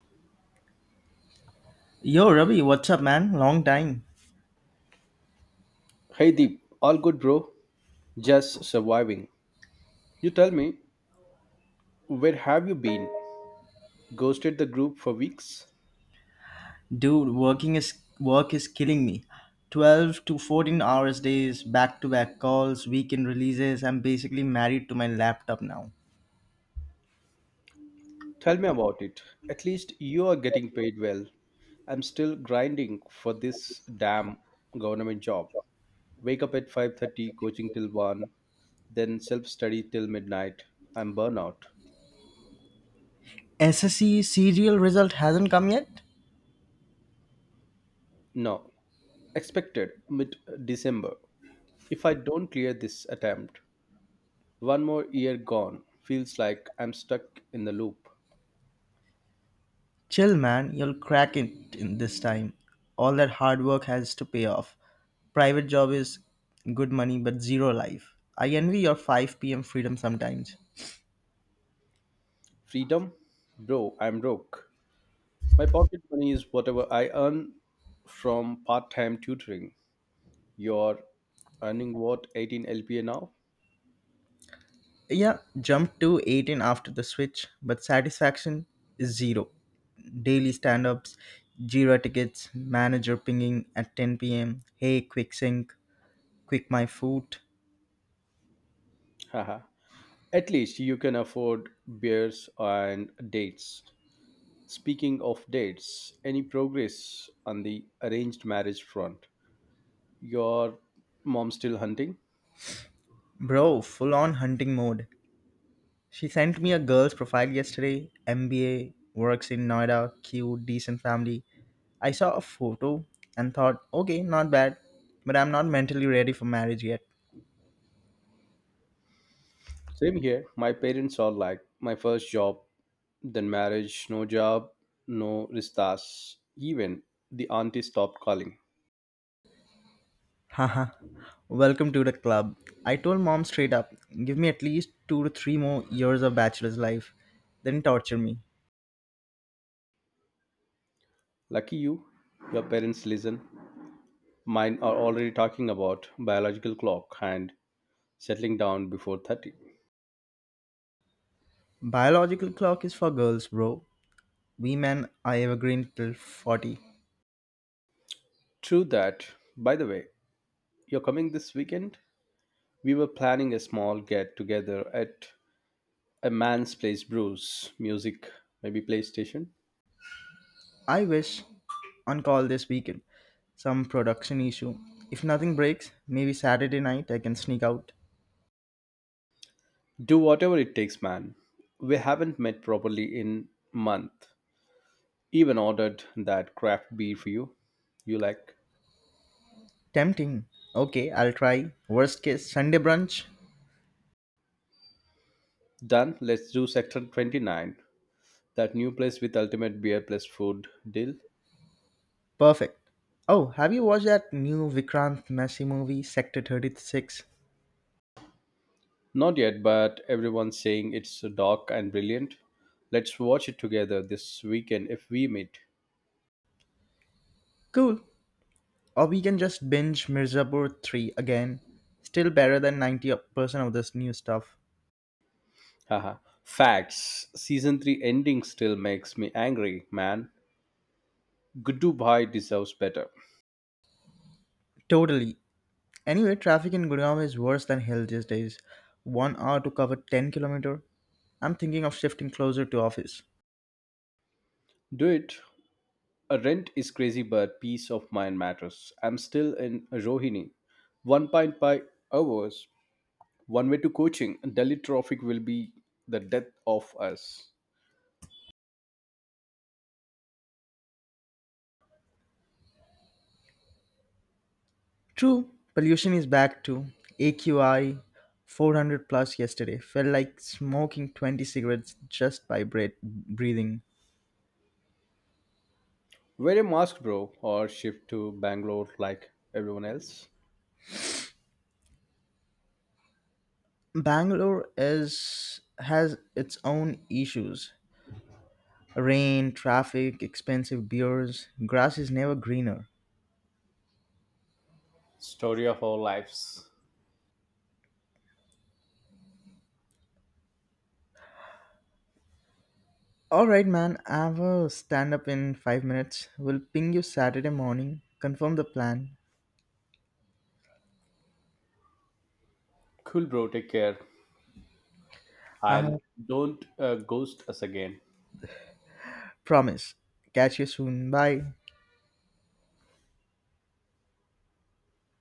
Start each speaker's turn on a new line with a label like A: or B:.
A: Yo, Ravi, what's up, man? Long time.
B: Hey Deep, all good, bro? Just surviving. You tell me, where have you been? Ghosted the group for weeks?
A: Dude, work is killing me. 12 to 14 hours days, back-to-back calls, weekend releases. I'm basically married to my laptop now.
B: Tell me about it. At least you are getting paid well. I'm still grinding for this damn government job. Wake up at 5:30, coaching till 1, then self-study till midnight. I'm burnout.
A: SSC serial result hasn't come yet?
B: No, expected mid-December. If I don't clear this attempt, one more year gone feels like I'm stuck in the loop.
A: Chill, man. You'll crack it in this time. All that hard work has to pay off. Private job is good money but zero life. I envy your 5 p.m. freedom sometimes.
B: Freedom? Bro, I'm broke. My pocket money is whatever I earn from part time tutoring. You're earning what, 18 LPA now?
A: Yeah, jumped to 18 after the switch, but satisfaction is zero. Daily stand ups, Jira tickets, manager pinging at 10 p.m., hey, quick sync, quick my food.
B: Haha. At least you can afford beers and dates. Speaking of dates, any progress on the arranged marriage front? Your mom still hunting?
A: Bro, full on hunting mode. She sent me a girl's profile yesterday, MBA, works in Noida, cute, decent family. I saw a photo and thought, okay, not bad, but I'm not mentally ready for marriage yet.
B: Same here. My parents are like, my first job, then marriage, no job, no ristas. Even the auntie stopped calling.
A: Haha, welcome to the club. I told mom straight up, give me at least 2 to 3 more years of bachelor's life, then torture me.
B: Lucky you, your parents listen. Mine are already talking about biological clock and settling down before 30.
A: Biological clock is for girls, bro. We men are evergreen till 40.
B: True that. By the way, you're coming this weekend? We were planning a small get together at a man's place, brews, music, maybe PlayStation.
A: I wish on call this weekend. Some production issue. If nothing breaks, maybe Saturday night I can sneak out.
B: Do whatever it takes, man. We haven't met properly in month. Even ordered that craft beer for you. You like?
A: Tempting. Okay, I'll try. Worst case, Sunday brunch.
B: Done. Let's do sector 29, that new place with ultimate beer plus food deal?
A: Perfect. Oh, have you watched that new Vikrant Messi movie, Sector 36?
B: Not yet, but everyone's saying it's dark and brilliant. Let's watch it together this weekend if we meet.
A: Cool. Or we can just binge Mirzapur 3 again. Still better than 90% of this new stuff.
B: Haha. Facts. Season 3 ending still makes me angry, man. Gudu Bhai deserves better.
A: Totally. Anyway, traffic in Gurgaon is worse than hell these days. 1 hour to cover 10 kilometer. I'm thinking of shifting closer to office.
B: Do it. A rent is crazy, but peace of mind matters. I'm still in Rohini. 1.5 hours. One way to coaching. Delhi traffic will be the death of us.
A: True, pollution is back too. AQI 400 plus yesterday. Felt like smoking 20 cigarettes just by breathing.
B: Wear a mask, bro, or shift to Bangalore like everyone else.
A: Bangalore is has its own issues. Rain, traffic, expensive beers, grass is never greener.
B: Story of our lives.
A: Alright, man, I have a stand up in 5 minutes. We'll ping you Saturday morning, confirm the plan.
B: Cool, bro. Take care. And
A: Haha,
B: don't ghost us again.
A: promise. Catch you soon. Bye.